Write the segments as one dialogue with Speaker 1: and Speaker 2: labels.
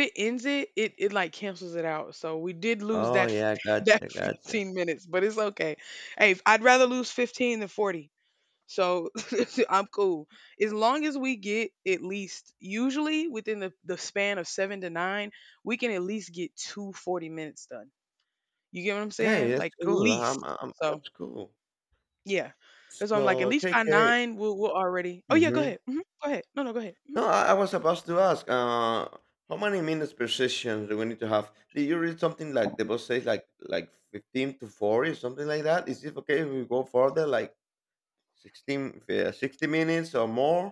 Speaker 1: It ends it, it like cancels it out. So we did lose
Speaker 2: Oh, yeah, gotcha,
Speaker 1: that
Speaker 2: gotcha.
Speaker 1: 15 minutes, but it's okay. Hey, I'd rather lose 15 than 40. So I'm cool. As long as we get at least usually within the span of seven to nine, we can at least get two 40 minutes done. You get what I'm
Speaker 2: Hey,
Speaker 1: saying?
Speaker 2: that's
Speaker 1: Like at
Speaker 2: cool.
Speaker 1: least. So
Speaker 2: That's cool.
Speaker 1: yeah. That's why I'm like, at
Speaker 2: So,
Speaker 1: least
Speaker 2: K K.
Speaker 1: by
Speaker 2: KK
Speaker 1: nine, we'll already. Oh yeah, go
Speaker 2: Mhm.
Speaker 1: ahead. Hmm. Go ahead. No, no, go ahead. Mm-hmm.
Speaker 2: No, I was about to ask, how many minutes per session do we need to have? Did you read something like the boss says like 15 to 40 or something like that? Is it okay if we go further, like 60 minutes or more?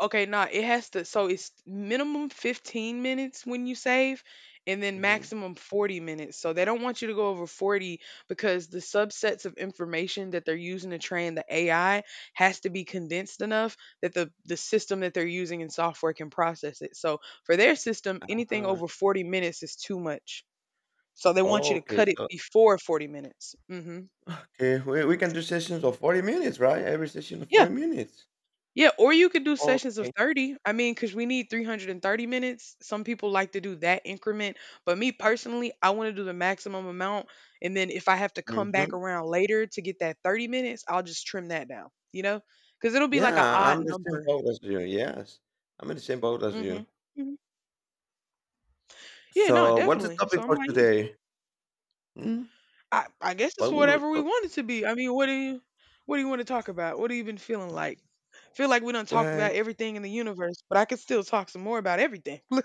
Speaker 1: Okay, nah, it has to, so it's minimum 15 minutes when you save and then
Speaker 2: Mhm.
Speaker 1: maximum 40 minutes. So they don't want you to go over 40 because the subsets of information that they're using to train the AI has to be condensed enough that the system that they're using in software can process it. So for their system, anything
Speaker 2: Ah,
Speaker 1: over 40 minutes is too much. So they want you to
Speaker 2: okay.
Speaker 1: cut it
Speaker 2: So,
Speaker 1: before 40 minutes. Mhm.
Speaker 2: okay, we can do sessions of 40 minutes, right? Every session of
Speaker 1: Yeah.
Speaker 2: 40 minutes.
Speaker 1: Yeah, or you could do sessions of
Speaker 2: Okay.
Speaker 1: 30. I mean, because we need 330 minutes. Some people like to do that increment. But me personally, I want to do the maximum amount. And then if I have to come back
Speaker 2: Mhm.
Speaker 1: around later to get that 30 minutes, I'll just trim that down, you know? Because it'll be like an
Speaker 2: Yeah,
Speaker 1: odd
Speaker 2: I'm the same
Speaker 1: number.
Speaker 2: boat as you. Yes, I'm in the same boat as
Speaker 1: Hmm.
Speaker 2: you.
Speaker 1: Hmm. Yeah, no,
Speaker 2: So, what's the
Speaker 1: definitely. So
Speaker 2: topic
Speaker 1: I'm
Speaker 2: for
Speaker 1: like,
Speaker 2: today? Hmm?
Speaker 1: I guess it's
Speaker 2: What would
Speaker 1: whatever we
Speaker 2: what,
Speaker 1: want it to be. I mean, What do you want to talk about? What have you been feeling like? Feel like we done talked
Speaker 2: what?
Speaker 1: about everything in the universe, but I could still talk some more about everything.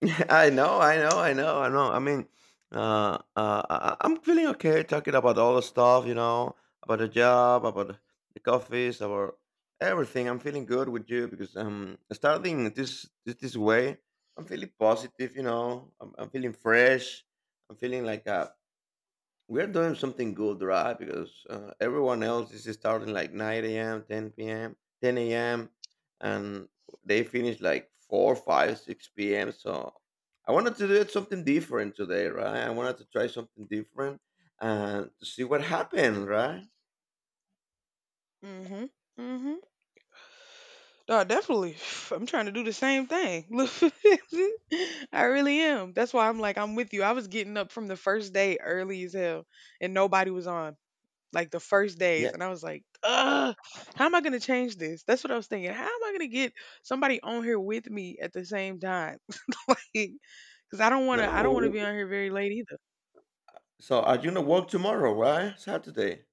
Speaker 2: I know, I know, I know, I know. I mean, I am feeling okay talking about all the stuff, you know, about the job, about the coffees, about everything. I'm feeling good with you because starting this way, I'm feeling positive. I'm feeling fresh. I'm feeling like we're doing something good, right? Because everyone else is starting like 9 a.m., 10 p.m., 10 a.m., and they finish like 4, 5, 6 p.m. So I wanted to do it something different today, right? I wanted to try something different and to see what happened, right?
Speaker 1: Hmm. Hmm. Oh, definitely. I'm trying to do the same thing. Look, I really am. That's why I'm like, I'm with you. I was getting up from the first day early as hell, and nobody was on. Like the first days,
Speaker 2: Yeah.
Speaker 1: and I was like, "Ugh, how am I gonna change this?" That's what I was thinking. How am I gonna get somebody on here with me at the same time? Like, cause I don't wanna, I
Speaker 2: No.
Speaker 1: don't wanna
Speaker 2: w-
Speaker 1: be
Speaker 2: w-
Speaker 1: on here very late either.
Speaker 2: So are you gonna work tomorrow, right? Saturday.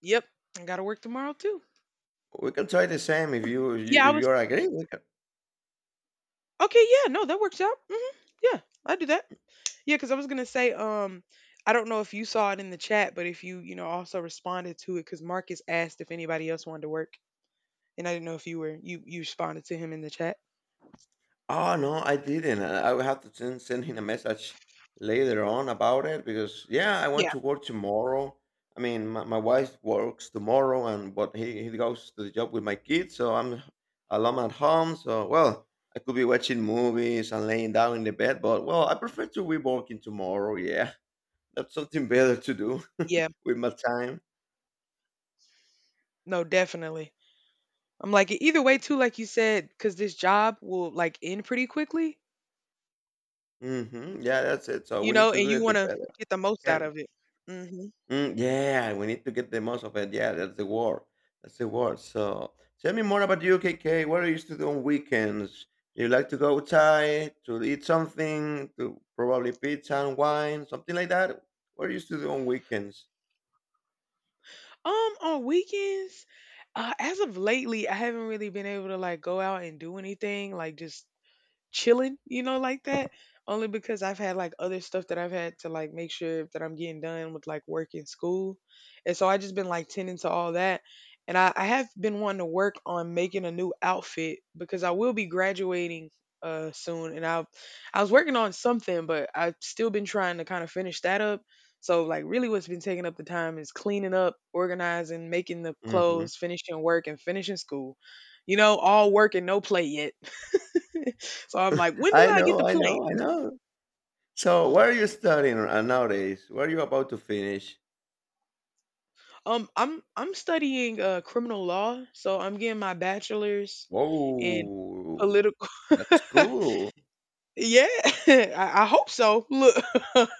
Speaker 1: Yep, I gotta work tomorrow too.
Speaker 2: We can try the same if you if you
Speaker 1: Yeah, I
Speaker 2: if
Speaker 1: was
Speaker 2: you're agreeing.
Speaker 1: okay. Yeah, no, that works out. Hmm. Yeah, I do that. Yeah, because I was gonna say, I don't know if you saw it in the chat, but if you, also responded to it, because Marcus asked if anybody else wanted to work, and I didn't know if you were you you responded to him in the chat.
Speaker 2: Oh, no, I didn't. I will have to send him a message later on about it because yeah, I want
Speaker 1: Yeah,
Speaker 2: to work tomorrow. I mean, my wife works tomorrow, and but he goes to the job with my kids, so I'm alone at home. So well, I could be watching movies and laying down in the bed, but well, I prefer to be working tomorrow. Yeah, that's something better to do
Speaker 1: yeah,
Speaker 2: with my time.
Speaker 1: no, definitely. I'm like either way too, like you said, because this job will like end pretty quickly,
Speaker 2: Hmm. Yeah, that's it. So
Speaker 1: you
Speaker 2: we
Speaker 1: know,
Speaker 2: need to
Speaker 1: and
Speaker 2: do
Speaker 1: you
Speaker 2: it the
Speaker 1: want to
Speaker 2: better
Speaker 1: get the
Speaker 2: we
Speaker 1: most out
Speaker 2: can.
Speaker 1: of it. Hmm.
Speaker 2: Mm, yeah, we need to get the most of it. Yeah, that's the word. That's the word. So tell me more about you, KK. What do you used to do on weekends? You like to go outside to eat something, to probably pizza and wine, something like that? What do you used to do on weekends?
Speaker 1: On weekends, as of lately, I haven't really been able to like go out and do anything, like just chilling, like that. Only because I've had like other stuff that I've had to like make sure that I'm getting done with like work and school. And so I just been like tending to all that. And I have been wanting to work on making a new outfit because I will be graduating soon, and I was working on something, but I've still been trying to kind of finish that up. So like really what's been taking up the time is cleaning up, organizing, making the
Speaker 2: Hmm.
Speaker 1: clothes, finishing work and finishing school. You know, all work and no play yet. So I'm like, when do
Speaker 2: I
Speaker 1: I get to
Speaker 2: know, I
Speaker 1: play?
Speaker 2: know, I know. So what are you studying nowadays? What are you about to finish?
Speaker 1: I'm studying criminal law, so I'm getting my bachelor's in
Speaker 2: Oh,
Speaker 1: political.
Speaker 2: that's cool.
Speaker 1: Yeah, I hope so. Look,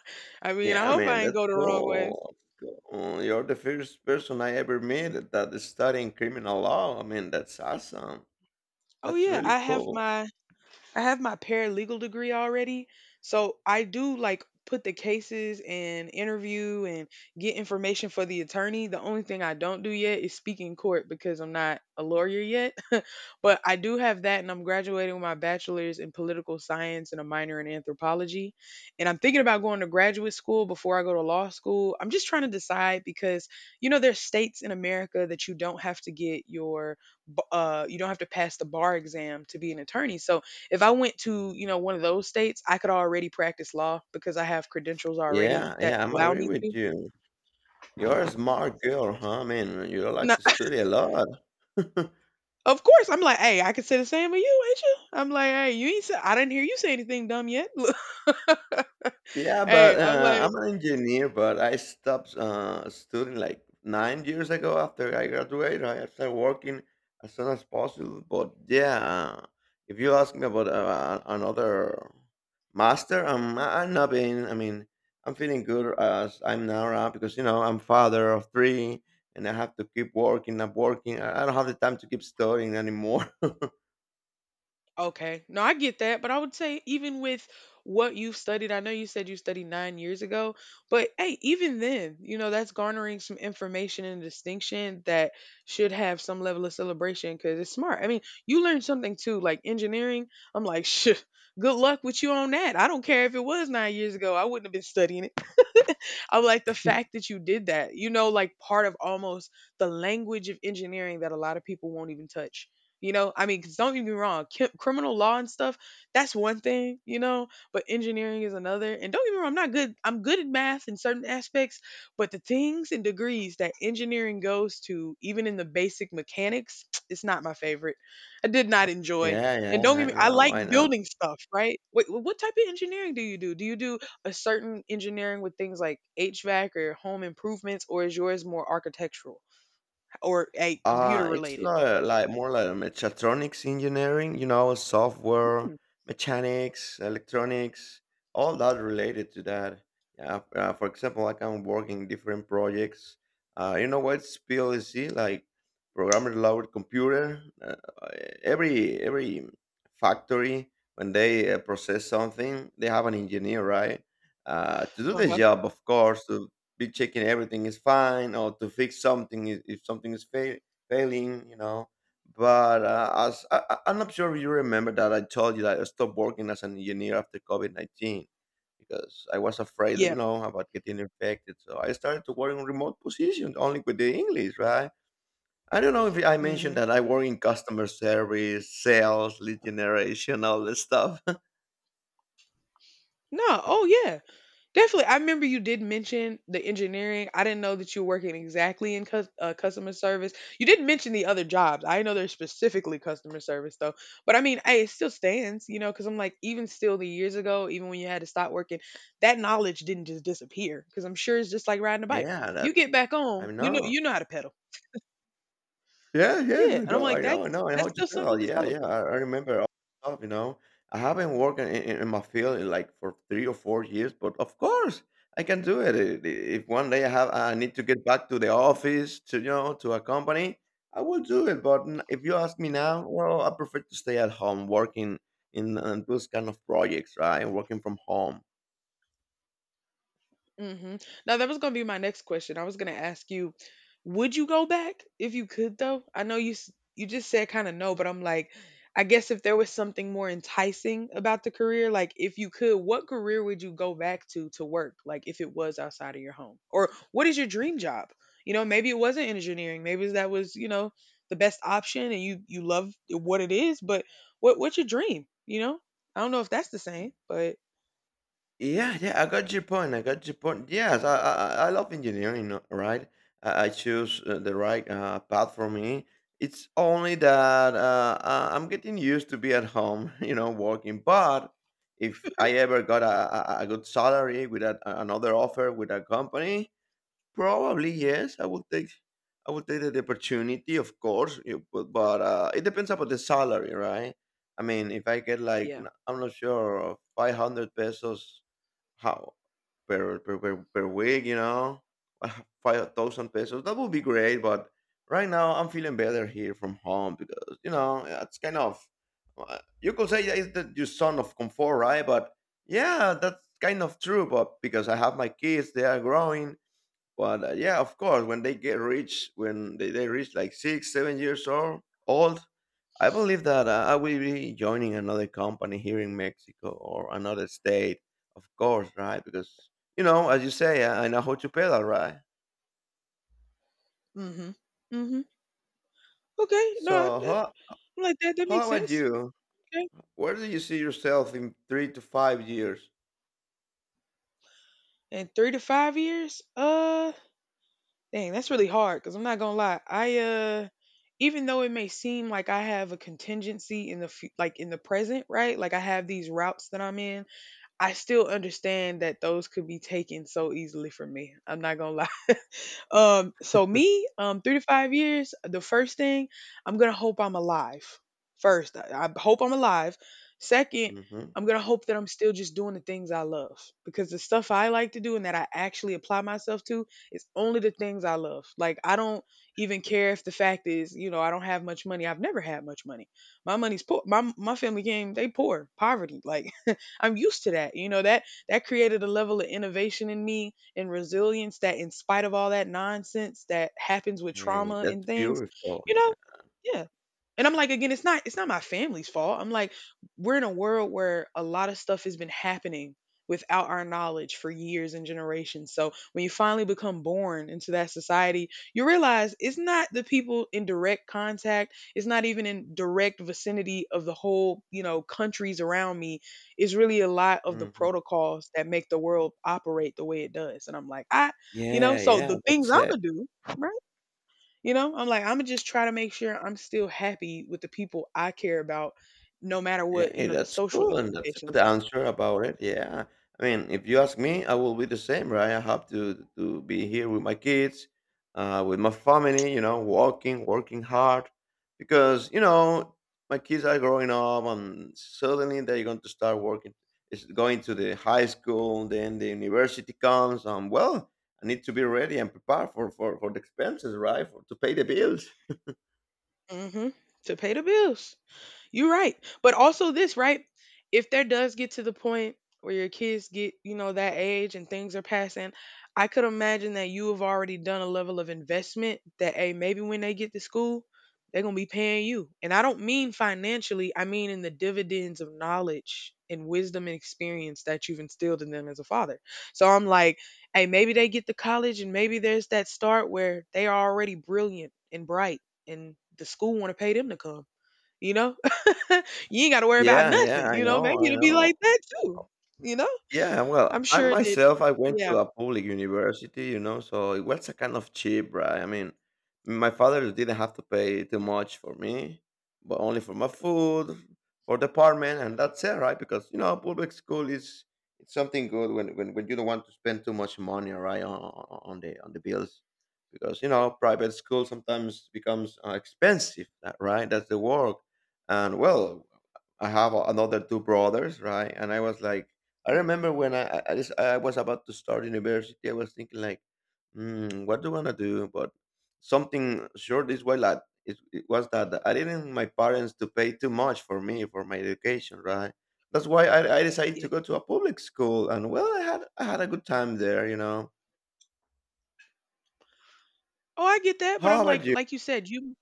Speaker 1: I mean, I
Speaker 2: Yeah,
Speaker 1: hope
Speaker 2: man,
Speaker 1: I ain't
Speaker 2: that's
Speaker 1: go the wrong way.
Speaker 2: cool. Cool. You're the first person I ever met that is studying criminal law. I mean, that's awesome.
Speaker 1: Oh
Speaker 2: That's
Speaker 1: yeah,
Speaker 2: really
Speaker 1: I have
Speaker 2: cool.
Speaker 1: my I have my paralegal degree already, so I do like put the cases and interview and get information for the attorney. The only thing I don't do yet is speak in court because I'm not a lawyer yet. But I do have that, and I'm graduating with my bachelor's in political science and a minor in anthropology. And I'm thinking about going to graduate school before I go to law school. I'm just trying to decide because you know there's states in America that you don't have to pass the bar exam to be an attorney. So if I went to, one of those states, I could already practice law because I have credentials already
Speaker 2: Yeah,
Speaker 1: that
Speaker 2: yeah, I'm
Speaker 1: allow
Speaker 2: agree
Speaker 1: me
Speaker 2: with
Speaker 1: to.
Speaker 2: you. You're a smart girl, huh? I mean, you like
Speaker 1: No.
Speaker 2: to study a lot.
Speaker 1: Of course, I'm like, "Hey, I could say the same of you, ain't you?" I'm like, "Hey, you ain't say I didn't hear you say anything dumb yet."
Speaker 2: Yeah,
Speaker 1: Hey,
Speaker 2: but
Speaker 1: I'm like,
Speaker 2: I'm an engineer, but I stopped studying like 9 years ago after I graduated. I started working as soon as possible. But yeah, if you ask me about another master, I'm not being, I mean, I'm feeling good as I'm now around because, you know, I'm father of three and I have to keep working, not working. I don't have the time to keep studying anymore.
Speaker 1: okay. No, I get that. But I would say, even with what you've studied, I know you said you studied 9 years ago, but hey, even then, that's garnering some information and distinction that should have some level of celebration because it's smart. I mean, you learned something too, like engineering. I'm like, shit, good luck with you on that. I don't care if it was 9 years ago, I wouldn't have been studying. I'm like, the fact that you did that, like part of almost the language of engineering that a lot of people won't even touch. You know, I mean, 'cause don't get me wrong, criminal law and stuff, that's one thing, but engineering is another. And don't get me wrong, I'm not good. I'm good at math in certain aspects, but the things and degrees that engineering goes to, even in the basic mechanics, it's not my favorite. I did not enjoy.
Speaker 2: yeah,
Speaker 1: And don't
Speaker 2: yeah,
Speaker 1: get
Speaker 2: I
Speaker 1: me, I
Speaker 2: know,
Speaker 1: like
Speaker 2: I know.
Speaker 1: building stuff, right? Wait, what type of engineering do you do? Do you do a certain engineering with things like HVAC or home improvements, or is yours more architectural or a computer
Speaker 2: Uh, it's
Speaker 1: related?
Speaker 2: li- like more like mechatronics engineering, you know, software,
Speaker 1: Mm,
Speaker 2: mechanics, electronics, all that related to that. Yeah, for example, like I'm working different projects. You know what's PLC? Like programmer loaded computer. Every factory when they process something, they have an engineer, right? To do the
Speaker 1: uh-huh.
Speaker 2: job, of course, to be checking everything is fine or to fix something if something is failed failing, you know. But as I'm not sure if you remember that I told you that I stopped working as an engineer after COVID 19 because I was afraid,
Speaker 1: Yeah.
Speaker 2: about getting infected. So I started to work in remote positions only with the English, right? I don't know if I mentioned
Speaker 1: Mhm.
Speaker 2: that I work in customer service, sales, lead generation, all this stuff.
Speaker 1: No. Oh, yeah. Definitely. I remember you did mention the engineering. I didn't know that you were working exactly in customer service. You did mention the other jobs. I know they're specifically customer service though. But I mean, hey, it still stands, because I'm like, even still the years ago, even when you had to stop working, that knowledge didn't just disappear. Because I'm sure it's just like riding a
Speaker 2: They
Speaker 1: bike.
Speaker 2: are.
Speaker 1: You get back
Speaker 2: I
Speaker 1: on,
Speaker 2: know.
Speaker 1: you know how to pedal.
Speaker 2: Yeah, yeah,
Speaker 1: Yeah,
Speaker 2: I
Speaker 1: and I'm
Speaker 2: know, I
Speaker 1: like,
Speaker 2: know, I
Speaker 1: that's
Speaker 2: know. I know how
Speaker 1: that's
Speaker 2: you
Speaker 1: still something
Speaker 2: feel.
Speaker 1: to
Speaker 2: Yeah, yeah,
Speaker 1: celebrate.
Speaker 2: I remember all the stuff, you know. I haven't worked in my field in like for 3 or 4 years, but of course I can do it. If one day I need to get back to the office to you know to a company, I will do it. But if you ask me now, well, I prefer to stay at home working in those kind of projects, right? Working from home.
Speaker 1: Mhm. Now that was gonna be my next question. I was gonna ask you, would you go back if you could though? I know you just said kind of no, but I'm like, I guess if there was something more enticing about the career, like if you could, what career would you go back to work? Like if it was outside of your home, or what is your dream job? You know, maybe it wasn't engineering. Maybe that was the best option, and you love what it is. But what's your dream? You know, I don't know if that's the same, but
Speaker 2: Yeah, yeah, I got your point. I got your point. Yes, I love engineering, right? I choose the right path for me. It's only that I'm getting used to be at home, working. But if I ever got a good salary with another offer with a company, probably yes, I would take the opportunity, of course. But, it depends about the salary, right? I mean, if I get like
Speaker 1: yeah.
Speaker 2: I'm not sure 500 pesos how per week, 5,000 pesos. That would be great, but right now I'm feeling better here from home because you know it's kind of you could say that it's your son of comfort, right? But yeah, that's kind of true. But because I have my kids, they are growing, but yeah, of course, when they get rich, when they reach like 6, 7 years old, old, I believe that I will be joining another company here in Mexico or another state, of course, right? Because, as you say, I know how to pedal, right?
Speaker 1: Mhm. Mhm. Okay, no,
Speaker 2: So,
Speaker 1: I'm like that makes
Speaker 2: how about
Speaker 1: sense.
Speaker 2: you?
Speaker 1: Okay,
Speaker 2: Where do you see yourself in 3 to 5 years?
Speaker 1: and 3 to 5 years. Dang, that's really hard because I'm not gonna lie. I even though it may seem like I have a contingency in the present, right? Like I have these routes that I'm in. I still understand that those could be taken so easily from me. I'm not gonna lie. So me, 3 to 5 years, the first thing, I'm gonna hope I'm alive. First, I hope I'm alive. Second,
Speaker 2: Hmm.
Speaker 1: I'm gonna hope that I'm still just doing the things I love. Because the stuff I like to do and that I actually apply myself to is only the things I love. Like I don't even care if the fact is, I don't have much money. I've never had much money. My money's poor. My family came, they poor, poverty. Like I'm used to that. You know, that created a level of innovation in me and resilience that in spite of all that nonsense that happens with
Speaker 2: Hey,
Speaker 1: trauma and
Speaker 2: that's
Speaker 1: things,
Speaker 2: beautiful.
Speaker 1: you
Speaker 2: Yeah.
Speaker 1: know, yeah, and I'm like, again, it's not my family's fault. I'm like, we're in a world where a lot of stuff has been happening without our knowledge for years and generations. So when you finally become born into that society, you realize it's not the people in direct contact, it's not even in direct vicinity of the whole, countries around me. It's really a lot of the
Speaker 2: Hmm.
Speaker 1: protocols that make the world operate the way it does. And I'm like, I, you know,
Speaker 2: Yeah,
Speaker 1: so
Speaker 2: yeah,
Speaker 1: the things
Speaker 2: that's
Speaker 1: I'm
Speaker 2: it.
Speaker 1: gonna do, right? You know, I'm like, I'm gonna just try to make sure I'm still happy with the people I care about, no matter
Speaker 2: Yeah,
Speaker 1: what you
Speaker 2: hey,
Speaker 1: know the
Speaker 2: that's
Speaker 1: social
Speaker 2: cool, and that's a good
Speaker 1: implications are.
Speaker 2: answer about it, yeah. I mean, if you ask me, I will be the same, right? I have to be here with my kids, with my family, working, working hard, because, my kids are growing up, and suddenly they're going to start working. It's going to the high school, then the university comes, and well, I need to be ready and prepared for the expenses, right? For to pay the bills.
Speaker 1: Hmm. To pay the bills. You're right. But also this, right? If there does get to the point where your kids get, you know, that age and things are passing, I could imagine that you have already done a level of investment that hey, maybe when they get to school, they're gonna be paying you. And I don't mean financially, I mean in the dividends of knowledge and wisdom and experience that you've instilled in them as a father. So I'm like, hey, maybe they get to college and maybe there's that start where they are already brilliant and bright and the school want to pay them to come, you know? You ain't got to worry about
Speaker 2: Yeah, yeah,
Speaker 1: nothing,
Speaker 2: I
Speaker 1: you know?
Speaker 2: know,
Speaker 1: Maybe
Speaker 2: I
Speaker 1: it'll be
Speaker 2: know.
Speaker 1: like that too, you know?
Speaker 2: Yeah, well,
Speaker 1: I'm
Speaker 2: I
Speaker 1: sure that,
Speaker 2: myself, I went to
Speaker 1: yeah,
Speaker 2: a public university, so it was a kind of cheap, right? I mean, my father didn't have to pay too much for me, but only for my food, for the apartment, and that's it, right? Because public school is it's something good when you don't want to spend too much money, right, on the bills, because private school sometimes becomes expensive, right? That's the work, and well, I have another two brothers, right, and I was like I
Speaker 1: mhm,
Speaker 2: remember when I was about to start university, I was thinking like, what do I wanna do? But something sure this way like it was that I didn't my parents to pay too much for me for my education, right? That's why I decided
Speaker 1: yeah.
Speaker 2: to go to a public school, and well, I had a good time there.
Speaker 1: Oh, I get that, but I'm
Speaker 2: How about you?
Speaker 1: like you said, you.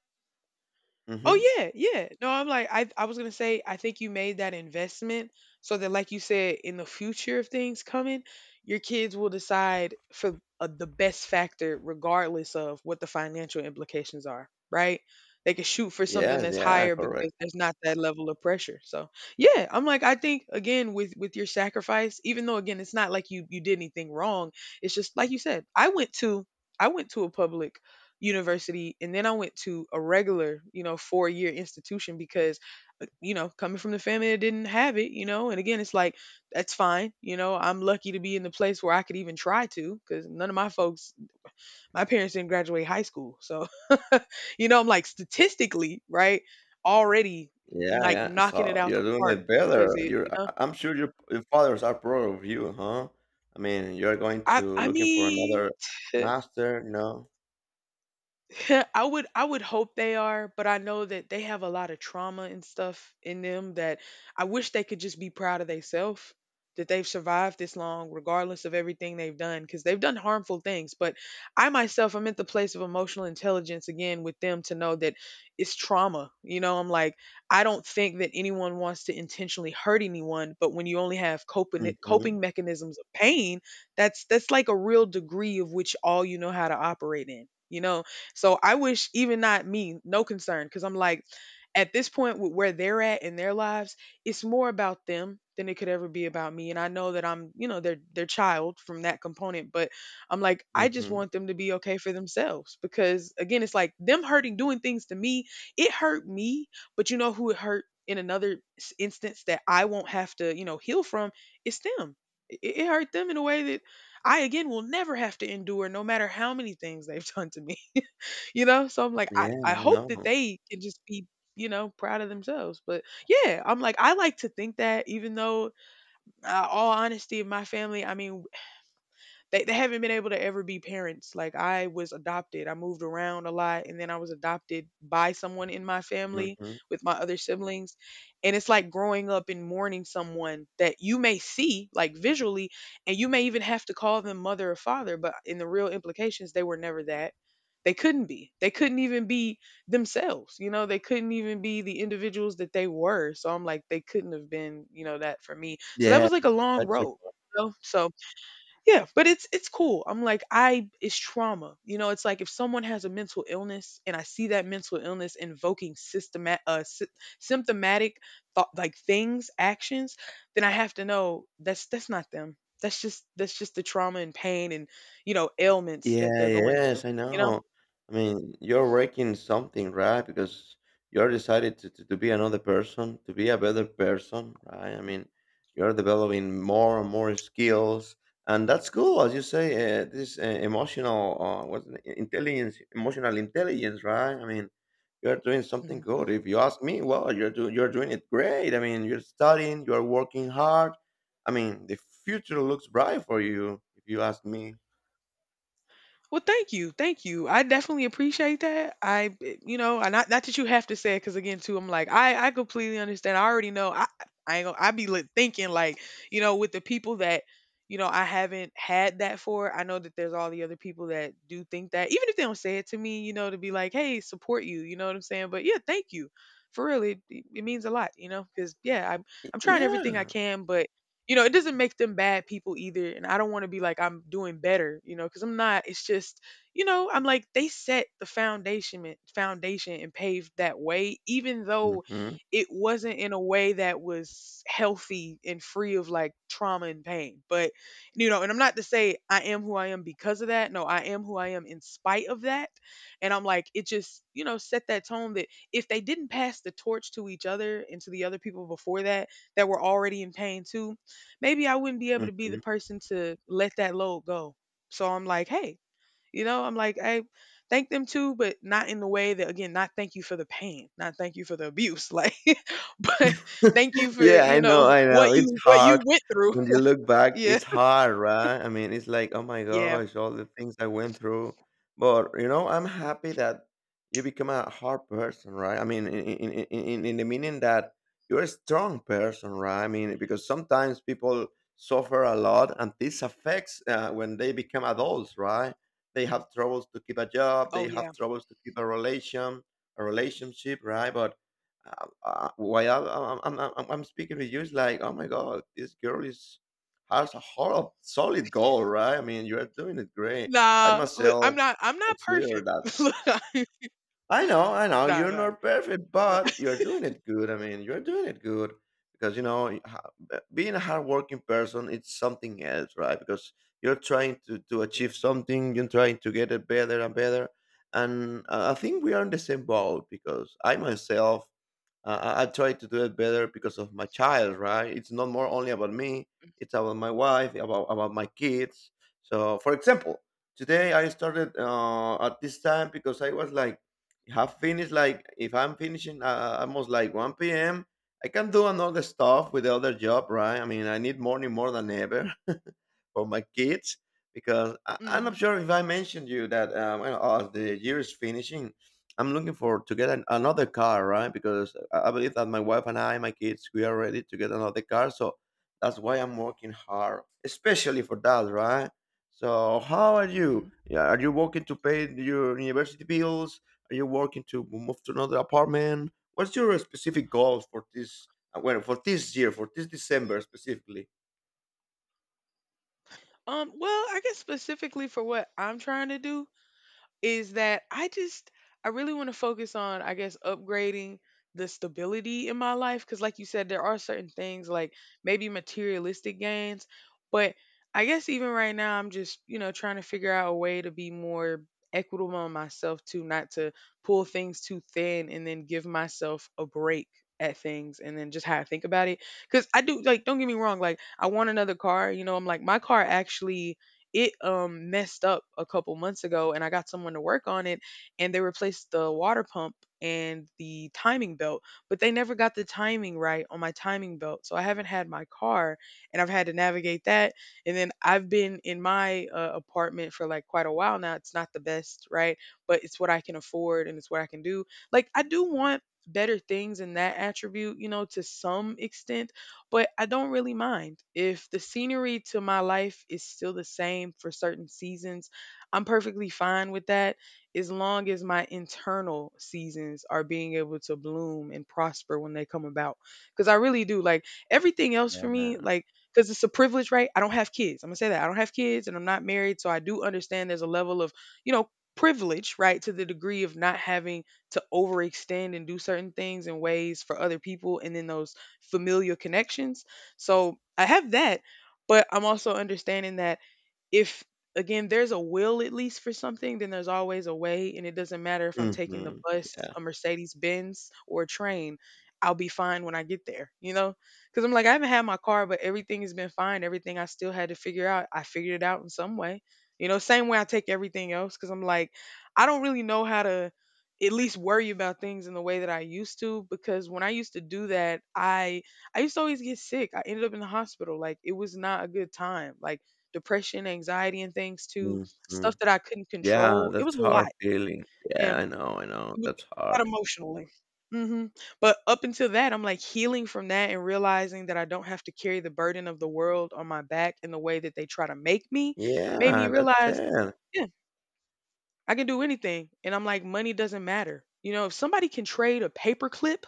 Speaker 2: Hmm.
Speaker 1: Oh yeah, yeah. No, I'm like I was gonna say I think you made that investment so that like you said in the future if things coming, your kids will decide for the best factor regardless of what the financial implications are, right? They can shoot for something
Speaker 2: Yes,
Speaker 1: that's
Speaker 2: yeah,
Speaker 1: higher because
Speaker 2: correct.
Speaker 1: there's not that level of pressure. So yeah, I'm like I think again with your sacrifice, even though again it's not like you did anything wrong, it's just like you said, I went to a public university and then I went to a regular, you know, 4-year institution because you know, coming from the family that didn't have it, you know, and again it's like that's fine, you know, I'm lucky to be in the place where I could even try to cuz none of my folks, my parents didn't graduate high school. So, you know, I'm like statistically, right? Already,
Speaker 2: Yeah,
Speaker 1: like
Speaker 2: yeah.
Speaker 1: knocking it
Speaker 2: So
Speaker 1: out the
Speaker 2: you're doing
Speaker 1: park
Speaker 2: it
Speaker 1: because
Speaker 2: better.
Speaker 1: it, you
Speaker 2: You're, I-
Speaker 1: know,
Speaker 2: I- I'm sure your fathers are proud of you, huh? I mean, you're going
Speaker 1: I
Speaker 2: to
Speaker 1: I
Speaker 2: looking for
Speaker 1: mean.
Speaker 2: another master, no?
Speaker 1: I would hope they are, but I know that they have a lot of trauma and stuff in them that I wish they could just be proud of themselves, that they've survived this long regardless of everything they've done, because they've done harmful things. But I myself, I'm at the place of emotional intelligence again with them to know that it's trauma, you know. I'm like, I don't think that anyone wants to intentionally hurt anyone, but when you only have coping
Speaker 2: Mm-hmm.
Speaker 1: coping mechanisms of pain, that's like a real degree of which all you know how to operate in, you know. So I wish, even not me, no concern, because I'm like, at this point with where they're at in their lives, it's more about them than it could ever be about me. And I know that I'm, you know, their child from that component, but I'm like, I just
Speaker 2: Mm-hmm.
Speaker 1: want them to be okay for themselves. Because again, it's like them hurting, doing things to me, it hurt me, but you know who it hurt in another instance that I won't have to, you know, heal from, it's them. It hurt them in a way that I again will never have to endure no matter how many things they've done to me. You know? So I'm like,
Speaker 2: Yeah,
Speaker 1: I
Speaker 2: I
Speaker 1: hope that
Speaker 2: know.
Speaker 1: they can just be, you know, proud of themselves. But yeah, I'm like, I like to think that even though, all honesty, my family, I mean, they haven't been able to ever be parents. Like I was adopted. I moved around a lot and then I was adopted by someone in my family
Speaker 2: Mm-hmm.
Speaker 1: with my other siblings. And it's like growing up and mourning someone that you may see like visually, and you may even have to call them mother or father, but in the real implications they were never that. They couldn't be. They couldn't even be themselves. You know, they couldn't even be the individuals that they were. So I'm like, they couldn't have been, you know, that for me. So that
Speaker 2: Yeah,
Speaker 1: was like a long
Speaker 2: I got
Speaker 1: road. You know? So yeah, but it's cool. I'm like, I it's trauma. You know, it's like if someone has a mental illness and I see that mental illness invoking symptomatic thought like things, actions, then I have to know that's that's not them. That's just the trauma and pain and, you know, ailments that
Speaker 2: Yeah,
Speaker 1: they're going
Speaker 2: yes,
Speaker 1: through.
Speaker 2: I
Speaker 1: You know?
Speaker 2: know. I mean, you're working something, right? Because you're decided to be another person, to be a better person, right? I mean, you're developing more and more skills, and that's cool, as you say. This emotional, intelligence, emotional intelligence, right? I mean, you're doing something
Speaker 1: Mhm.
Speaker 2: good. If you ask me, well, you're doing it great. I mean, you're studying, you're working hard. I mean, the future looks bright for you, if you ask me.
Speaker 1: Well, thank you, thank you. I definitely appreciate that. You know, and not not that you have to say it, because again, too, I'm like, I completely understand. I already know. I ain't gonna, thinking like, you know, with the people that, you know, I haven't had that for. I know that there's all the other people that do think that, even if they don't say it to me, you know, to be like, hey, support you. You know what I'm saying? But yeah, thank you. For real, it means a lot, you know, because yeah, I'm trying everything I
Speaker 2: Yeah.
Speaker 1: can, but you know, it doesn't make them bad people either, and I don't wanna be like I'm doing better, you know, because 'cause I'm not. It's just, you know, I'm like they set the foundation and paved that way, even though
Speaker 2: Mhm,
Speaker 1: it wasn't in a way that was healthy and free of like trauma and pain. But, you know, and I'm not to say I am who I am because of that. No, I am who I am in spite of that. And I'm like, it just, you know, set that tone that if they didn't pass the torch to each other and to the other people before that, that were already in pain too, maybe I wouldn't be able to be the
Speaker 2: mhm.
Speaker 1: person to let that load go. So I'm like, hey, you know, I'm like, hey, thank them too, but not in the way that again, not thank you for the pain, not thank you for the abuse, like, but thank you for
Speaker 2: Yeah,
Speaker 1: you
Speaker 2: I know,
Speaker 1: know
Speaker 2: I know. It's
Speaker 1: what you
Speaker 2: hard.
Speaker 1: went through.
Speaker 2: When you look back,
Speaker 1: Yeah,
Speaker 2: it's hard, right? I mean, it's like, oh my
Speaker 1: yeah,
Speaker 2: gosh, all the things I went through. But I'm happy that you become a hard person, right? I mean, in the meaning that you're a strong person, right? I mean, because sometimes people suffer a lot, and this affects when they become adults, right? They have troubles to keep a job,
Speaker 1: oh
Speaker 2: they have
Speaker 1: yeah.
Speaker 2: troubles to keep a relationship, right? But uh, while I'm speaking with you, it's like, oh my God, this girl is has a solid goal, right? I mean, you are doing it great. I
Speaker 1: Nah, look, I'm
Speaker 2: myself
Speaker 1: not I'm not
Speaker 2: consider
Speaker 1: perfect.
Speaker 2: that.
Speaker 1: Look,
Speaker 2: I know,
Speaker 1: nah,
Speaker 2: you're
Speaker 1: nah,
Speaker 2: not perfect,
Speaker 1: nah.
Speaker 2: but you're doing it good. I mean, you're doing it good because being a hardworking person, it's something else, right? Because you're trying to
Speaker 1: Yeah.
Speaker 2: achieve something, you're trying to get it better and better. And I think we are in the same boat because I myself I try to do it better because of my child, right? It's not more only about me; it's about my wife, about my kids. So, for example, today I started at this time because I was like, have finished like if I'm finishing almost like 1 p.m. I can do another stuff with the other job, right? I mean, I need morning more than ever for my kids because I'm not
Speaker 1: Mhm.
Speaker 2: sure if I mentioned you that as the year is finishing, I'm looking for to get another car, right? Because I believe that my wife and I, my kids, we are ready to get another car. So that's why I'm working hard, especially for that, right? So how are you?
Speaker 1: Mhm.
Speaker 2: Yeah, are you working to pay your university bills? Are you working to move to another apartment? What's your specific goals for this? Well, for this year, for this December specifically.
Speaker 1: Well, I guess specifically for what I'm trying to do, is that I just, I really want to focus on, I guess, upgrading the stability in my life cuz like you said there are certain things like maybe materialistic gains, but I guess even right now I'm just, you know, trying to figure out a way to be more equitable on myself too, not to pull things too thin and then give myself a break at things and then just how I think about it, cuz I do, like, don't get me wrong, like, I want another car, you know. I'm like, my car actually, it messed up a couple months ago and I got someone to work on it, and they replaced the water pump and the timing belt, but they never got the timing right on my timing belt. So I haven't had my car and I've had to navigate that. And then I've been in my apartment for like quite a while now. It's not the best, right? But it's what I can afford and it's what I can do. Like, I do want better things in that attribute, you know, to some extent, but I don't really mind. If the scenery to my life is still the same for certain seasons, I'm perfectly fine with that, as long as my internal seasons are being able to bloom and prosper when they come about. Because I really do like everything else for me,
Speaker 2: Yeah.
Speaker 1: like, because it's a privilege, right? I don't have kids. I'm going to say that. I don't have kids and I'm not married. So I do understand there's a level of, you know, privilege, right? To the degree of not having to overextend and do certain things in ways for other people. And then those familial connections. So I have that, but I'm also understanding that if again there's a will at least for something, then there's always a way, and it doesn't matter if I'm taking the
Speaker 2: Mhm.
Speaker 1: bus,
Speaker 2: Yeah.
Speaker 1: a mercedes benz or a train. I'll be fine when I get there you know Because I'm like, I haven't had my car, but everything has been fine. Everything I still had to figure out, I figured it out in some way. Same way I take everything else, because I'm like, I don't really know how to at least worry about things in the way that I used to, because when I used to do that, I used to always get sick. I ended up in the hospital. Like, it was not a good time. Like, depression, anxiety, and things to stuff
Speaker 2: Mhm.
Speaker 1: that I couldn't
Speaker 2: Yeah,
Speaker 1: control. It
Speaker 2: that's
Speaker 1: was a
Speaker 2: hard
Speaker 1: lot,
Speaker 2: feeling. Yeah,
Speaker 1: and
Speaker 2: I know, I know.
Speaker 1: it was
Speaker 2: That's
Speaker 1: a lot
Speaker 2: hard.
Speaker 1: emotionally. hmm But up until that, I'm like healing from that and realizing that I don't have to carry the burden of the world on my back in the way that they try to make me, made me
Speaker 2: Yeah, that's
Speaker 1: realize,
Speaker 2: it.
Speaker 1: yeah, I can do anything. And I'm like, money doesn't matter. You know, if somebody can trade a paperclip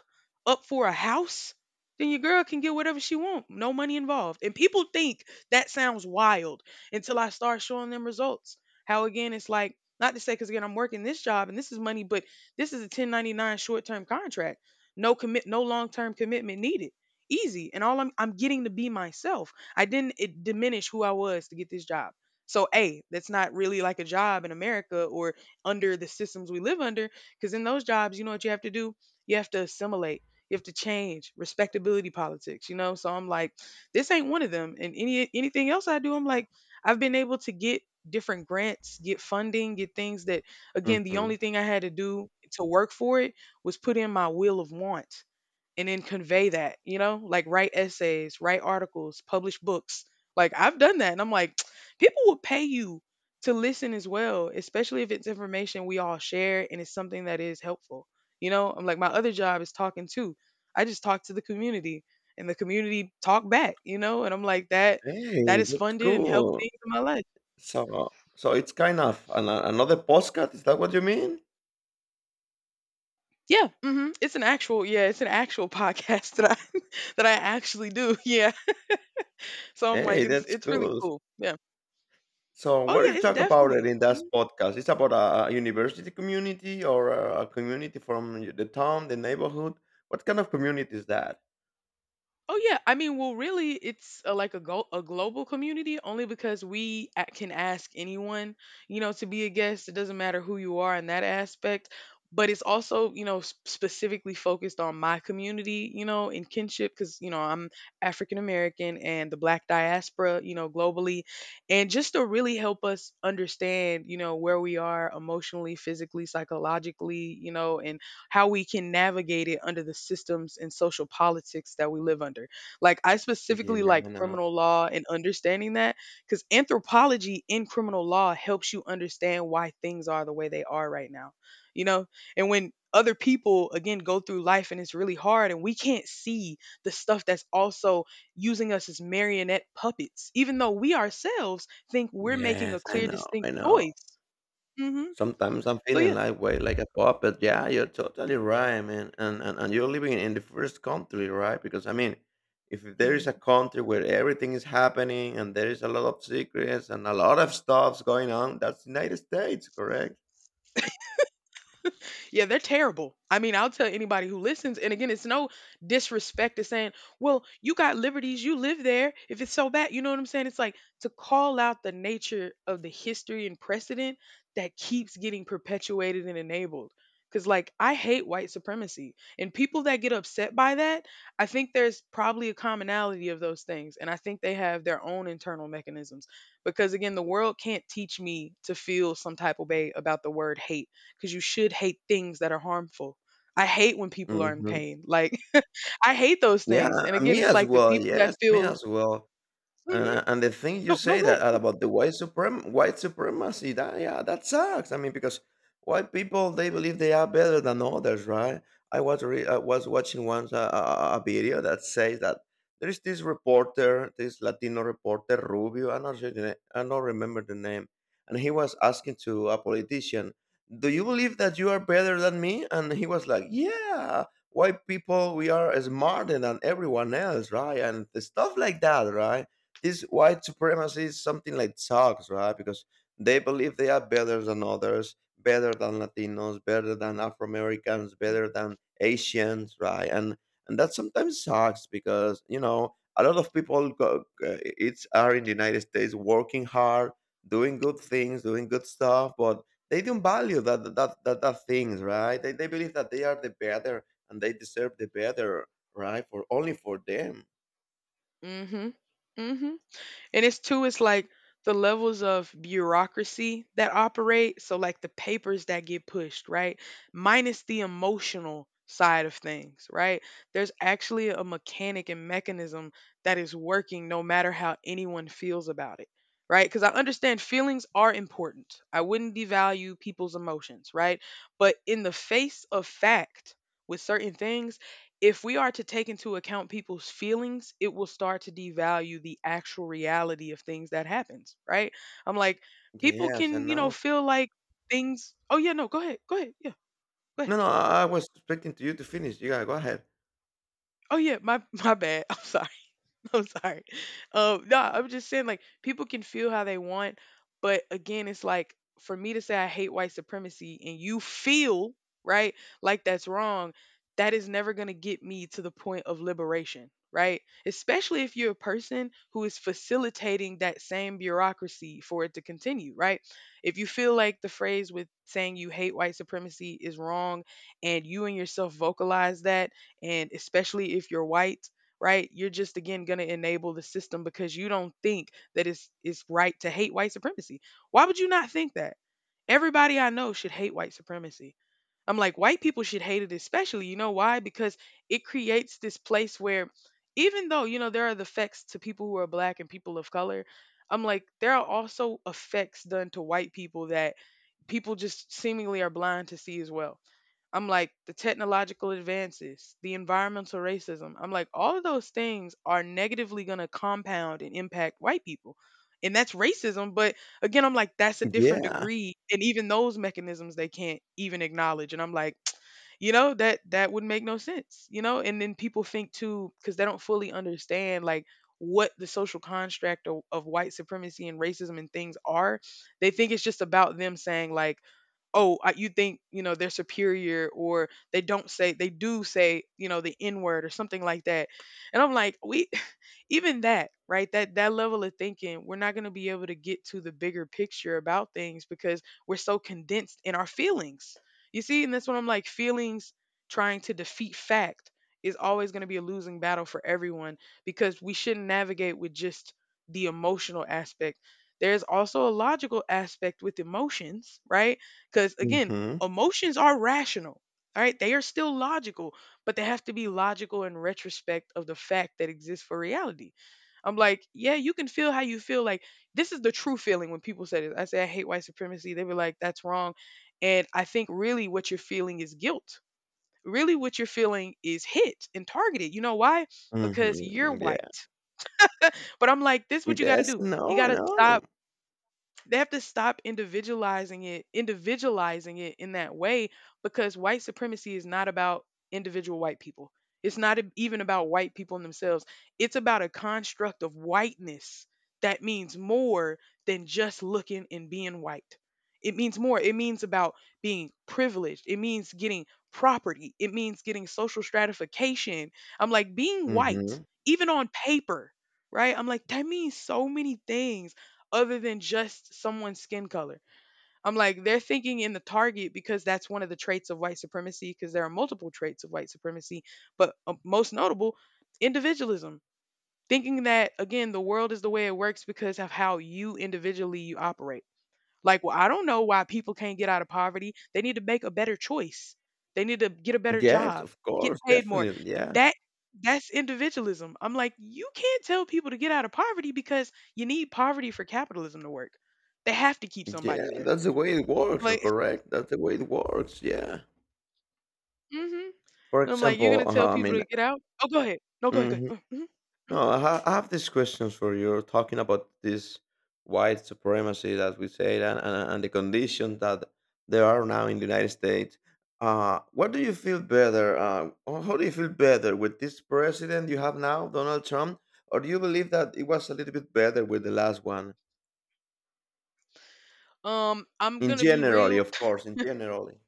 Speaker 1: up for a house, then your girl can get whatever she want. No money involved. And people think that sounds wild until I start showing them results. How again, it's like, not to say, because again, I'm working this job and this is money, but this is a 1099 short term contract. No commit, no long term commitment needed. Easy. And all I'm getting to be myself. I didn't diminish who I was to get this job. So, A, that's not really like a job in America or under the systems we live under, because in those jobs, you know what you have to do? You have to assimilate. You have to change respectability politics, you know? So I'm like, this ain't one of them. And anything else I do, I'm like, I've been able to get different grants, get funding, get things that, again, the only
Speaker 2: Mhm.
Speaker 1: thing I had to do to work for it was put in my will of want and then convey that, you know, like write essays, write articles, publish books. Like, I've done that. And I'm like, people will pay you to listen as well, especially if it's information we all share and it's something that is helpful. You know, I'm like, my other job is talking too. I just talk to the community and the community talk back, you know, and I'm like, that that
Speaker 2: Hey,
Speaker 1: is
Speaker 2: that's
Speaker 1: funded and helped
Speaker 2: cool.
Speaker 1: things in my life.
Speaker 2: So it's kind of an another podcast, is that what you mean?
Speaker 1: Yeah, it's an actual podcast that I actually do. Yeah, so I'm like,
Speaker 2: Hey,
Speaker 1: it's
Speaker 2: that's
Speaker 1: it's really
Speaker 2: cool.
Speaker 1: cool. Yeah.
Speaker 2: So
Speaker 1: Oh
Speaker 2: what do you
Speaker 1: yeah, it's
Speaker 2: talk about it
Speaker 1: definitely.
Speaker 2: in that
Speaker 1: Mhm.
Speaker 2: podcast? It's about a university community or a community from the town, the neighborhood? What kind of community is that?
Speaker 1: Oh yeah, I mean, well, really, it's like a global community, only because we can ask anyone, you know, to be a guest. It doesn't matter who you are in that aspect, but it's also, specifically focused on my community, you know, in kinship, because I'm African American and the Black diaspora, globally, and just to really help us understand, where we are emotionally, physically, psychologically, and how we can navigate it under the systems and social politics that we live under. Like, I
Speaker 2: Yeah,
Speaker 1: specifically
Speaker 2: I
Speaker 1: like
Speaker 2: know.
Speaker 1: criminal law and understanding that, cuz anthropology in criminal law helps you understand why things are the way they are right now. You know, and when other people again go through life and it's really hard and we can't see the stuff that's also using us as marionette puppets, even though we ourselves think we're making a
Speaker 2: Yes, I
Speaker 1: clear
Speaker 2: know, I
Speaker 1: distinct
Speaker 2: know.
Speaker 1: choice. Mhm.
Speaker 2: Sometimes I'm
Speaker 1: So
Speaker 2: feeling
Speaker 1: yeah.
Speaker 2: like way like a puppet. Yeah, you're totally right, man. And you're living in the first country, right? Because I mean, if there is
Speaker 1: Mm-hmm.
Speaker 2: a country where everything is happening and there is a lot of secrets and a lot of stuff's going on, that's United States, correct?
Speaker 1: Yeah, they're terrible. I mean, I'll tell anybody who listens, and again, it's no disrespect to saying, well, you got liberties, you live there. If it's so bad, you know what I'm saying? It's like to call out the nature of the history and precedent that keeps getting perpetuated and enabled. Because, like, I hate white supremacy. And people that get upset by that, I think there's probably a commonality of those things. And I think they have their own internal mechanisms. Because, again, the world can't teach me to feel some type of way about the word hate, because you should hate things that are harmful. I hate when people are in
Speaker 2: Hmm.
Speaker 1: pain. Like, I hate those
Speaker 2: Yeah,
Speaker 1: things. And again,
Speaker 2: me
Speaker 1: it's
Speaker 2: as
Speaker 1: like the
Speaker 2: well.
Speaker 1: people that
Speaker 2: Yes, me
Speaker 1: feel.
Speaker 2: as well. And,
Speaker 1: Mhm.
Speaker 2: uh, and the thing you
Speaker 1: No, no
Speaker 2: say that
Speaker 1: good.
Speaker 2: about the white supremacy, that sucks. I mean, because white people they believe they are better than others, right? I was watching once a video that says that there is this reporter, this Latino reporter Rubio. I not sure the na- I don't remember the name, and he was asking to a politician, "Do you believe that you are better than me?" And he was like, "Yeah." White people, we are smarter than everyone else, right? And stuff like that, right? This white supremacy is something like sucks, right? Because they believe they are better than others, better than Latinos, better than Afro Americans, better than Asians, right? And that sometimes sucks because a lot of people go, it's are in the United States working hard, doing good things, doing good stuff, but they don't value that that things, right? They believe that they are the better and they deserve the better, right? For only for them.
Speaker 1: Mhm. Mhm. And it's too, it's like the levels of bureaucracy that operate. So, like, the papers that get pushed, right? Minus the emotional side of things, right? There's actually a mechanic and mechanism that is working no matter how anyone feels about it, right? Because I understand feelings are important. I wouldn't devalue people's emotions, right? But in the face of fact, with certain things, if we are to take into account people's feelings, it will start to devalue the actual reality of things that happens, right? I'm like, people
Speaker 2: Yes, I
Speaker 1: can, you know,
Speaker 2: know.
Speaker 1: feel like things. Oh yeah, no, go ahead, yeah, go ahead.
Speaker 2: No, no, I was expecting to you to finish. You gotta go ahead.
Speaker 1: Oh yeah, my my bad. I'm sorry. I'm sorry. No, I'm just saying, like, people can feel how they want, but again, it's like for me to say I hate white supremacy and you feel right, like that's wrong, that is never gonna get me to the point of liberation, right? Especially if you're a person who is facilitating that same bureaucracy for it to continue, right? If you feel like the phrase with saying you hate white supremacy is wrong, and you and yourself vocalize that, and especially if you're white, right? You're just again going to enable the system because you don't think that it's right to hate white supremacy. Why would you not think that? Everybody I know should hate white supremacy. I'm like, white people should hate it especially. You know why? Because it creates this place where, even though, you know, there are the effects to people who are black and people of color, I'm like, there are also effects done to white people that people just seemingly are blind to see as well. I'm like, the technological advances, the environmental racism. I'm like, all of those things are negatively going to compound and impact white people. And that's racism, but again, I'm like, that's a different
Speaker 2: Yeah.
Speaker 1: degree, and even those mechanisms they can't even acknowledge, and I'm like, you know, that would make no sense, you know? And then people think too, cuz they don't fully understand, like, what the social construct of white supremacy and racism and things are. They think it's just about them saying, like, oh, I, you think, you know, they're superior, or they don't say, they do say, you know, the N word or something like that. And I'm like, we, even that, right, that that level of thinking, we're not going to be able to get to the bigger picture about things because we're so condensed in our feelings, you see. And that's what I'm like, feelings trying to defeat fact is always going to be a losing battle for everyone, because we shouldn't navigate with just the emotional aspect. There's also a logical aspect with emotions, right? Because, again,
Speaker 2: Mhm.
Speaker 1: emotions are rational, all right? They are still logical, but they have to be logical in retrospect of the fact that exists for reality. I'm like, yeah, you can feel how you feel. Like, this is the true feeling when people say it. I say, I hate white supremacy. They were like, that's wrong. And I think really what you're feeling is guilt. Really, what you're feeling is hit and targeted. You know why? Because you're
Speaker 2: Mhm.
Speaker 1: white.
Speaker 2: Yeah.
Speaker 1: But I'm like, this is what you got to
Speaker 2: Yes.
Speaker 1: do. You
Speaker 2: No.
Speaker 1: got to
Speaker 2: No.
Speaker 1: stop, they have to stop individualizing it in that way, because white supremacy is not about individual white people. It's not even about white people in themselves. It's about a construct of whiteness that means more than just looking and being white. It means more, it means about being privileged, it means getting property, it means getting social stratification. I'm like, being white,
Speaker 2: Mhm.
Speaker 1: even on paper, right, I'm like, that means so many things other than just someone's skin color. I'm like, they're thinking in the target because that's one of the traits of white supremacy, because there are multiple traits of white supremacy, but most notable, individualism. Thinking that, again, the world is the way it works because of how you individually you operate. Like, well, I don't know why people can't get out of poverty. They need to make a better choice. They need to get a better
Speaker 2: Yes.
Speaker 1: job,
Speaker 2: Of
Speaker 1: get
Speaker 2: course.
Speaker 1: paid more.
Speaker 2: Definitely. Yeah.
Speaker 1: That that's individualism. I'm like, you can't tell people to get out of poverty because you need poverty for capitalism to work. They have to keep
Speaker 2: Yeah.
Speaker 1: somebody there.
Speaker 2: That's the way it works. You're
Speaker 1: Like,
Speaker 2: correct. That's the way it works. Yeah.
Speaker 1: mm-hmm. And
Speaker 2: For
Speaker 1: I'm like, you're
Speaker 2: example,
Speaker 1: gonna tell
Speaker 2: I
Speaker 1: people
Speaker 2: mean.
Speaker 1: to get out? Oh, go ahead. No, go ahead. Go
Speaker 2: Mhm.
Speaker 1: ahead. Mm-hmm.
Speaker 2: No, I have these questions for you. Talking about this white supremacy that we say and, and the condition that there are now in the United States. What do you feel better? Or how do you feel better with this president you have now, Donald Trump? Or do you believe that it was a little bit better with the last one?
Speaker 1: Mm-hmm. I'm
Speaker 2: In
Speaker 1: gonna be
Speaker 2: generally,
Speaker 1: real.
Speaker 2: of course, in generally.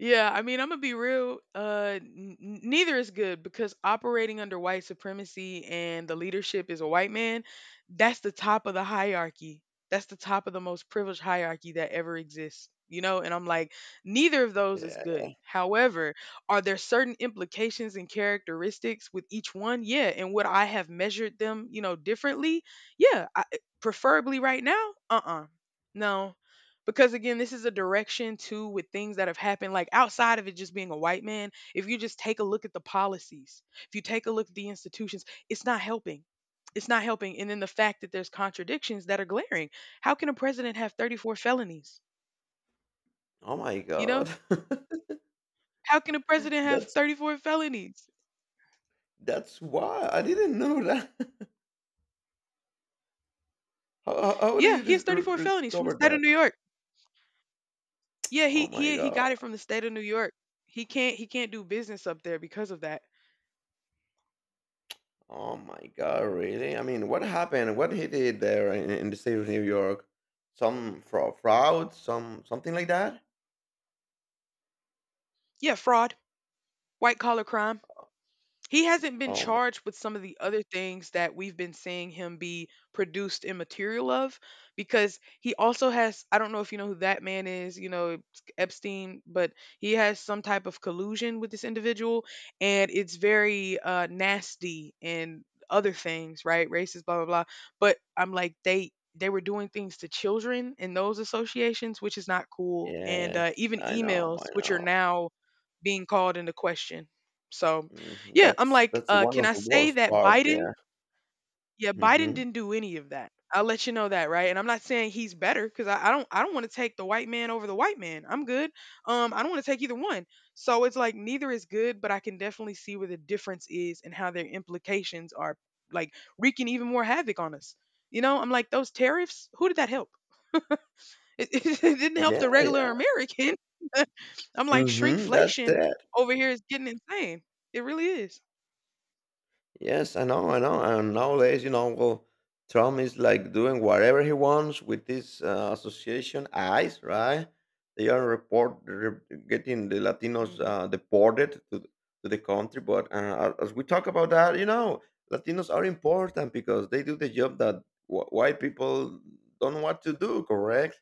Speaker 1: Yeah, I mean, I'm gonna be real. Neither is good because operating under white supremacy and the leadership is a white man. That's the top of the hierarchy. That's the top of the most privileged hierarchy that ever exists. You know, and I'm like, neither of those is
Speaker 2: Yeah.
Speaker 1: good. However, are there certain implications and characteristics with each one? Yeah, and would I have measured them, you know, differently? Yeah, I, preferably right now. Uh-uh. No, because again, this is a direction too with things that have happened, like outside of it just being a white man. If you just take a look at the policies, if you take a look at the institutions, it's not helping. It's not helping. And then the fact that there's contradictions that are glaring. How can a president have 34 felonies?
Speaker 2: Oh my
Speaker 1: You know,
Speaker 2: God.
Speaker 1: how can a president have
Speaker 2: that's
Speaker 1: 34 felonies?
Speaker 2: that's why I didn't know that. How do
Speaker 1: Yeah,
Speaker 2: you
Speaker 1: he has 34 felonies from the
Speaker 2: discover
Speaker 1: state of
Speaker 2: that?
Speaker 1: New York. Yeah,
Speaker 2: Oh
Speaker 1: he
Speaker 2: my
Speaker 1: he he
Speaker 2: God.
Speaker 1: got it from the state of New York. He can't do business up there because of that.
Speaker 2: Oh my God, really? I mean, what happened? What he did there in the state of New York? Some fraud, something like that?
Speaker 1: Yeah, fraud. White collar crime. He hasn't been
Speaker 2: Oh my,
Speaker 1: charged with some of the other things that we've been seeing him be produced in material of, because he also has, I don't know if you know who that man is, you know, Epstein, but he has some type of collusion with this individual, and it's very nasty. And other things, right? Racist, blah blah blah. But I'm like, they were doing things to children in those associations, which is not cool. And
Speaker 2: yes,
Speaker 1: even
Speaker 2: I know, I
Speaker 1: emails, which are
Speaker 2: know.
Speaker 1: now being called into question. So yeah, I'm
Speaker 2: That's
Speaker 1: like,
Speaker 2: that's one
Speaker 1: can
Speaker 2: of
Speaker 1: I
Speaker 2: the
Speaker 1: say
Speaker 2: worst
Speaker 1: that
Speaker 2: part.
Speaker 1: Biden
Speaker 2: Yeah.
Speaker 1: yeah, Biden
Speaker 2: Hmm.
Speaker 1: didn't do any of that. I'll let you know that, right? And I'm not saying he's better, because I don't, I don't want to take the white man over the white man. I'm good. I don't want to take either one. So it's like, neither is good, but I can definitely see where the difference is and how their implications are, like, wreaking even more havoc on us. You know, I'm like, those tariffs, who did that help? It didn't help
Speaker 2: Yeah,
Speaker 1: the regular
Speaker 2: yeah.
Speaker 1: American. I'm like,
Speaker 2: That's
Speaker 1: shrinkflation
Speaker 2: it.
Speaker 1: over here is getting insane. It really is.
Speaker 2: Yes, I know, I know. And nowadays, well, Trump is like doing whatever he wants with this association, ICE, right? They are getting the Latinos
Speaker 1: Mhm.
Speaker 2: deported to the country. But as we talk about that, Latinos are important because they do the job that white people don't want to do, correct?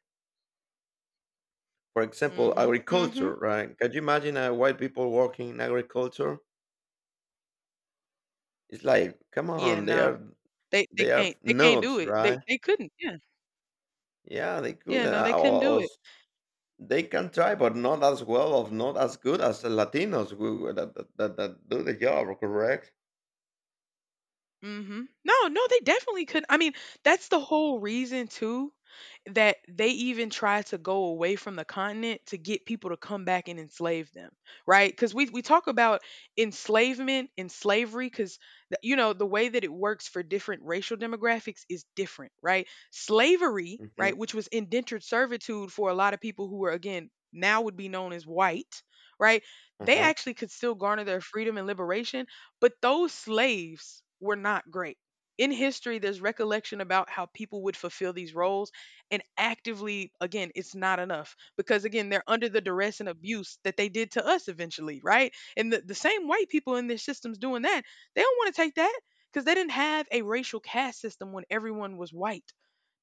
Speaker 2: For example,
Speaker 1: Mhm, mhm.
Speaker 2: agriculture, right? Can you imagine white people working in agriculture? It's like, come
Speaker 1: Yeah,
Speaker 2: on,
Speaker 1: nah. They
Speaker 2: they are
Speaker 1: can't, they can't do
Speaker 2: noobs,
Speaker 1: it. They
Speaker 2: right?
Speaker 1: they couldn't. Yeah.
Speaker 2: Yeah, they
Speaker 1: Yeah,
Speaker 2: could,
Speaker 1: no, they couldn't do
Speaker 2: or s
Speaker 1: it.
Speaker 2: they can try, but not as well or not as good as the Latinos who that do the job, correct?
Speaker 1: Mhm. No, no, they definitely couldn't. I mean, that's the whole reason too that they even tried to go away from the continent to get people to come back and enslave them, right? Because we talk about enslavement and slavery. Because, you know, the way that it works for different racial demographics is different, right? Slavery,
Speaker 2: Mhm,
Speaker 1: right, which was indentured servitude for a lot of people who were, again, now would be known as white, right? They
Speaker 2: uh-huh,
Speaker 1: actually could still garner their freedom and liberation, but those slaves were not great. In history, there's recollection about how people would fulfill these roles, and actively, again, it's not enough because, again, they're under the duress and abuse that they did to us eventually, right? And the same white people in their systems doing that, they don't want to take that, because they didn't have a racial caste system when everyone was white.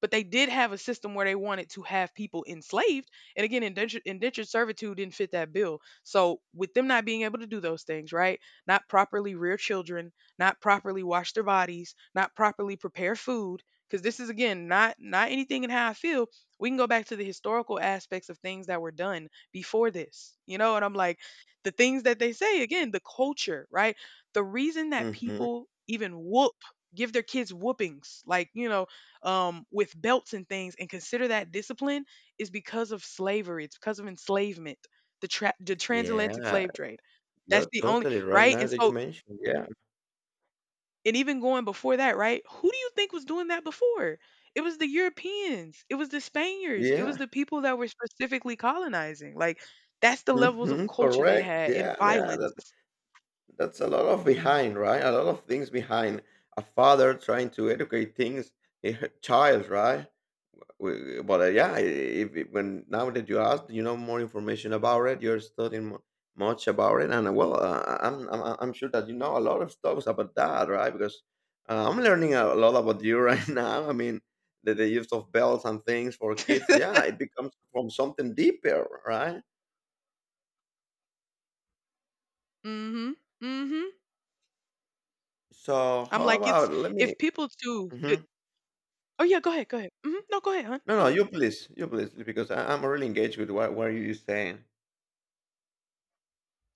Speaker 1: But they did have a system where they wanted to have people enslaved. And again, indentured servitude didn't fit that bill. So, with them not being able to do those things, right? Not properly rear children, not properly wash their bodies, not properly prepare food, because this is, again, not anything in how I feel. We can go back to the historical aspects of things that were done before this, you know. And I'm like, the things that they say, again, the culture, right? The reason that
Speaker 2: mhm.
Speaker 1: people even whoop, give their kids whoopings, like, you know, with belts and things, and consider that discipline is because of slavery. It's because of enslavement, the the transatlantic
Speaker 2: Yeah,
Speaker 1: slave trade. That's
Speaker 2: you're
Speaker 1: the only,
Speaker 2: totally right
Speaker 1: right?
Speaker 2: now
Speaker 1: And
Speaker 2: that you
Speaker 1: so,
Speaker 2: mentioned, yeah.
Speaker 1: and even going before that, right? Who do you think was doing that before? It was the Europeans, it was the Spaniards, it
Speaker 2: Yeah,
Speaker 1: was the people that were specifically colonizing. Like, that's the levels of
Speaker 2: mhm,
Speaker 1: culture they
Speaker 2: correct,
Speaker 1: had, and
Speaker 2: yeah, yeah, that
Speaker 1: violence.
Speaker 2: that's a lot of behind, right? A lot of things behind. A father trying to educate things, a child, right? But yeah, if when now that you asked, you know more information about it. You're studying much about it, and well, I'm sure that you know a lot of stuff about that, right? Because I'm learning a lot about you right now. I mean, the use of bells and things for kids. Yeah, it becomes from something deeper, right?
Speaker 1: Mm-hmm. Mm-hmm.
Speaker 2: So
Speaker 1: I'm
Speaker 2: how
Speaker 1: like, it's
Speaker 2: about let me?
Speaker 1: if people too could.
Speaker 2: Hmm.
Speaker 1: Oh yeah, go ahead, go ahead. No, go ahead, hon.
Speaker 2: No,
Speaker 1: Go
Speaker 2: no,
Speaker 1: ahead.
Speaker 2: you please, because I'm really engaged with what you saying.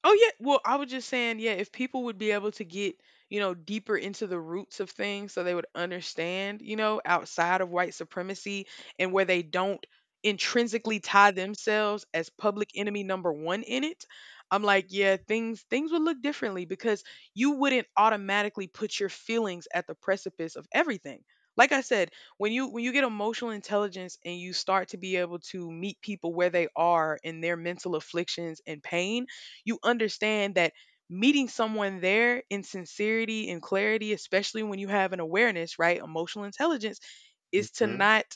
Speaker 1: Oh yeah, well, I was just saying, yeah, if people would be able to get, you know, deeper into the roots of things so they would understand, you know, outside of white supremacy, and where they don't intrinsically tie themselves as public enemy number 1 in it, I'm like, yeah, things would look differently, because you wouldn't automatically put your feelings at the precipice of everything. Like I said, when you get emotional intelligence and you start to be able to meet people where they are in their mental afflictions and pain, you understand that meeting someone there in sincerity and clarity, especially when you have an awareness, right? Emotional intelligence is to
Speaker 2: Hmm.
Speaker 1: not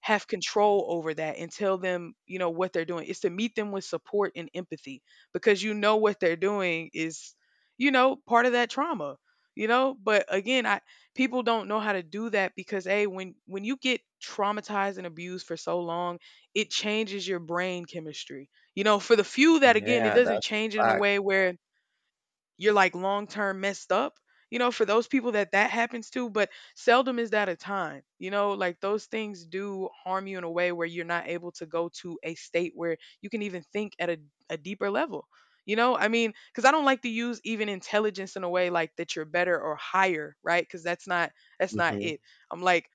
Speaker 1: have control over that and tell them, you know, what they're doing. It's to meet them with support and empathy, because you know what they're doing is, you know, part of that trauma, you know? But again, I, people don't know how to do that, because hey, when you get traumatized and abused for so long, it changes your brain chemistry. You know, for the few that, again, it
Speaker 2: Yeah,
Speaker 1: doesn't
Speaker 2: that's
Speaker 1: change it
Speaker 2: a
Speaker 1: in a
Speaker 2: fact.
Speaker 1: way where you're like long term messed up, you know, for those people that that happens to. But seldom is that a time, you know, like those things do harm you in a way where you're not able to go to a state where you can even think at a deeper level, you know, I mean, because I don't like to use even intelligence in a way like that, you're better or higher, right? Because that's not, that's not
Speaker 2: Hmm.
Speaker 1: it. I'm like,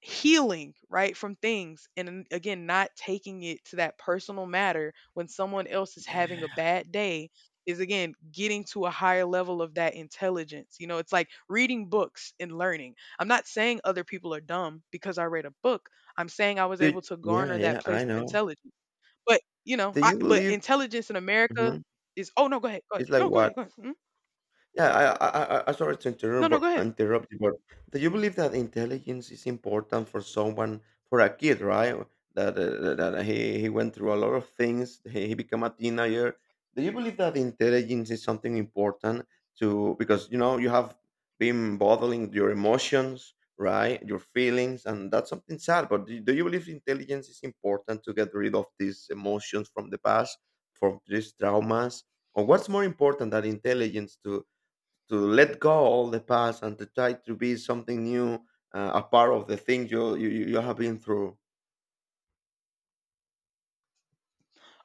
Speaker 1: healing, right, from things, and then, again, not taking it to that personal matter when someone else is having a bad day, is, again, getting to a higher level of that intelligence. You know, it's like reading books and learning. I'm not saying other people are dumb because I read a book, I'm saying I was
Speaker 2: Do
Speaker 1: able to
Speaker 2: Yeah,
Speaker 1: garner that
Speaker 2: yeah,
Speaker 1: place
Speaker 2: I
Speaker 1: of
Speaker 2: know.
Speaker 1: intelligence. But you know,
Speaker 2: Do
Speaker 1: I,
Speaker 2: you
Speaker 1: but
Speaker 2: believe
Speaker 1: intelligence in America
Speaker 2: Mhm,
Speaker 1: is, oh no, go ahead, go ahead
Speaker 2: it's like
Speaker 1: no go
Speaker 2: what?
Speaker 1: ahead go ahead Mhm.
Speaker 2: Yeah, sorry to
Speaker 1: no
Speaker 2: interrupt,
Speaker 1: no
Speaker 2: but,
Speaker 1: go ahead.
Speaker 2: interrupt you, but do you believe that intelligence is important for someone, for a kid, right? That he went through a lot of things. He became a teenager. Do you believe that intelligence is something important to because you have been bottling your emotions, right? Your feelings, and that's something sad. But do you believe intelligence is important to get rid of these emotions from the past, from these traumas? Or what's more important than intelligence to let go all the past and to try to be something new, a part of the thing you have been through.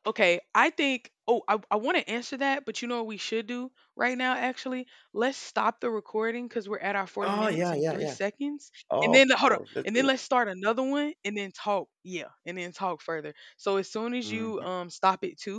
Speaker 1: Okay, I think, oh, I want to answer that, but you know what we should do right now actually? Let's stop the recording, cuz we're at our 40
Speaker 2: Oh
Speaker 1: minutes
Speaker 2: yeah,
Speaker 1: and
Speaker 2: yeah,
Speaker 1: 3
Speaker 2: yeah.
Speaker 1: seconds. And
Speaker 2: Of
Speaker 1: then hold on.
Speaker 2: course, let's
Speaker 1: And then
Speaker 2: do it.
Speaker 1: let's start another one and then talk. Yeah, and then talk further. So as soon as you
Speaker 2: Mhm.
Speaker 1: stop it too,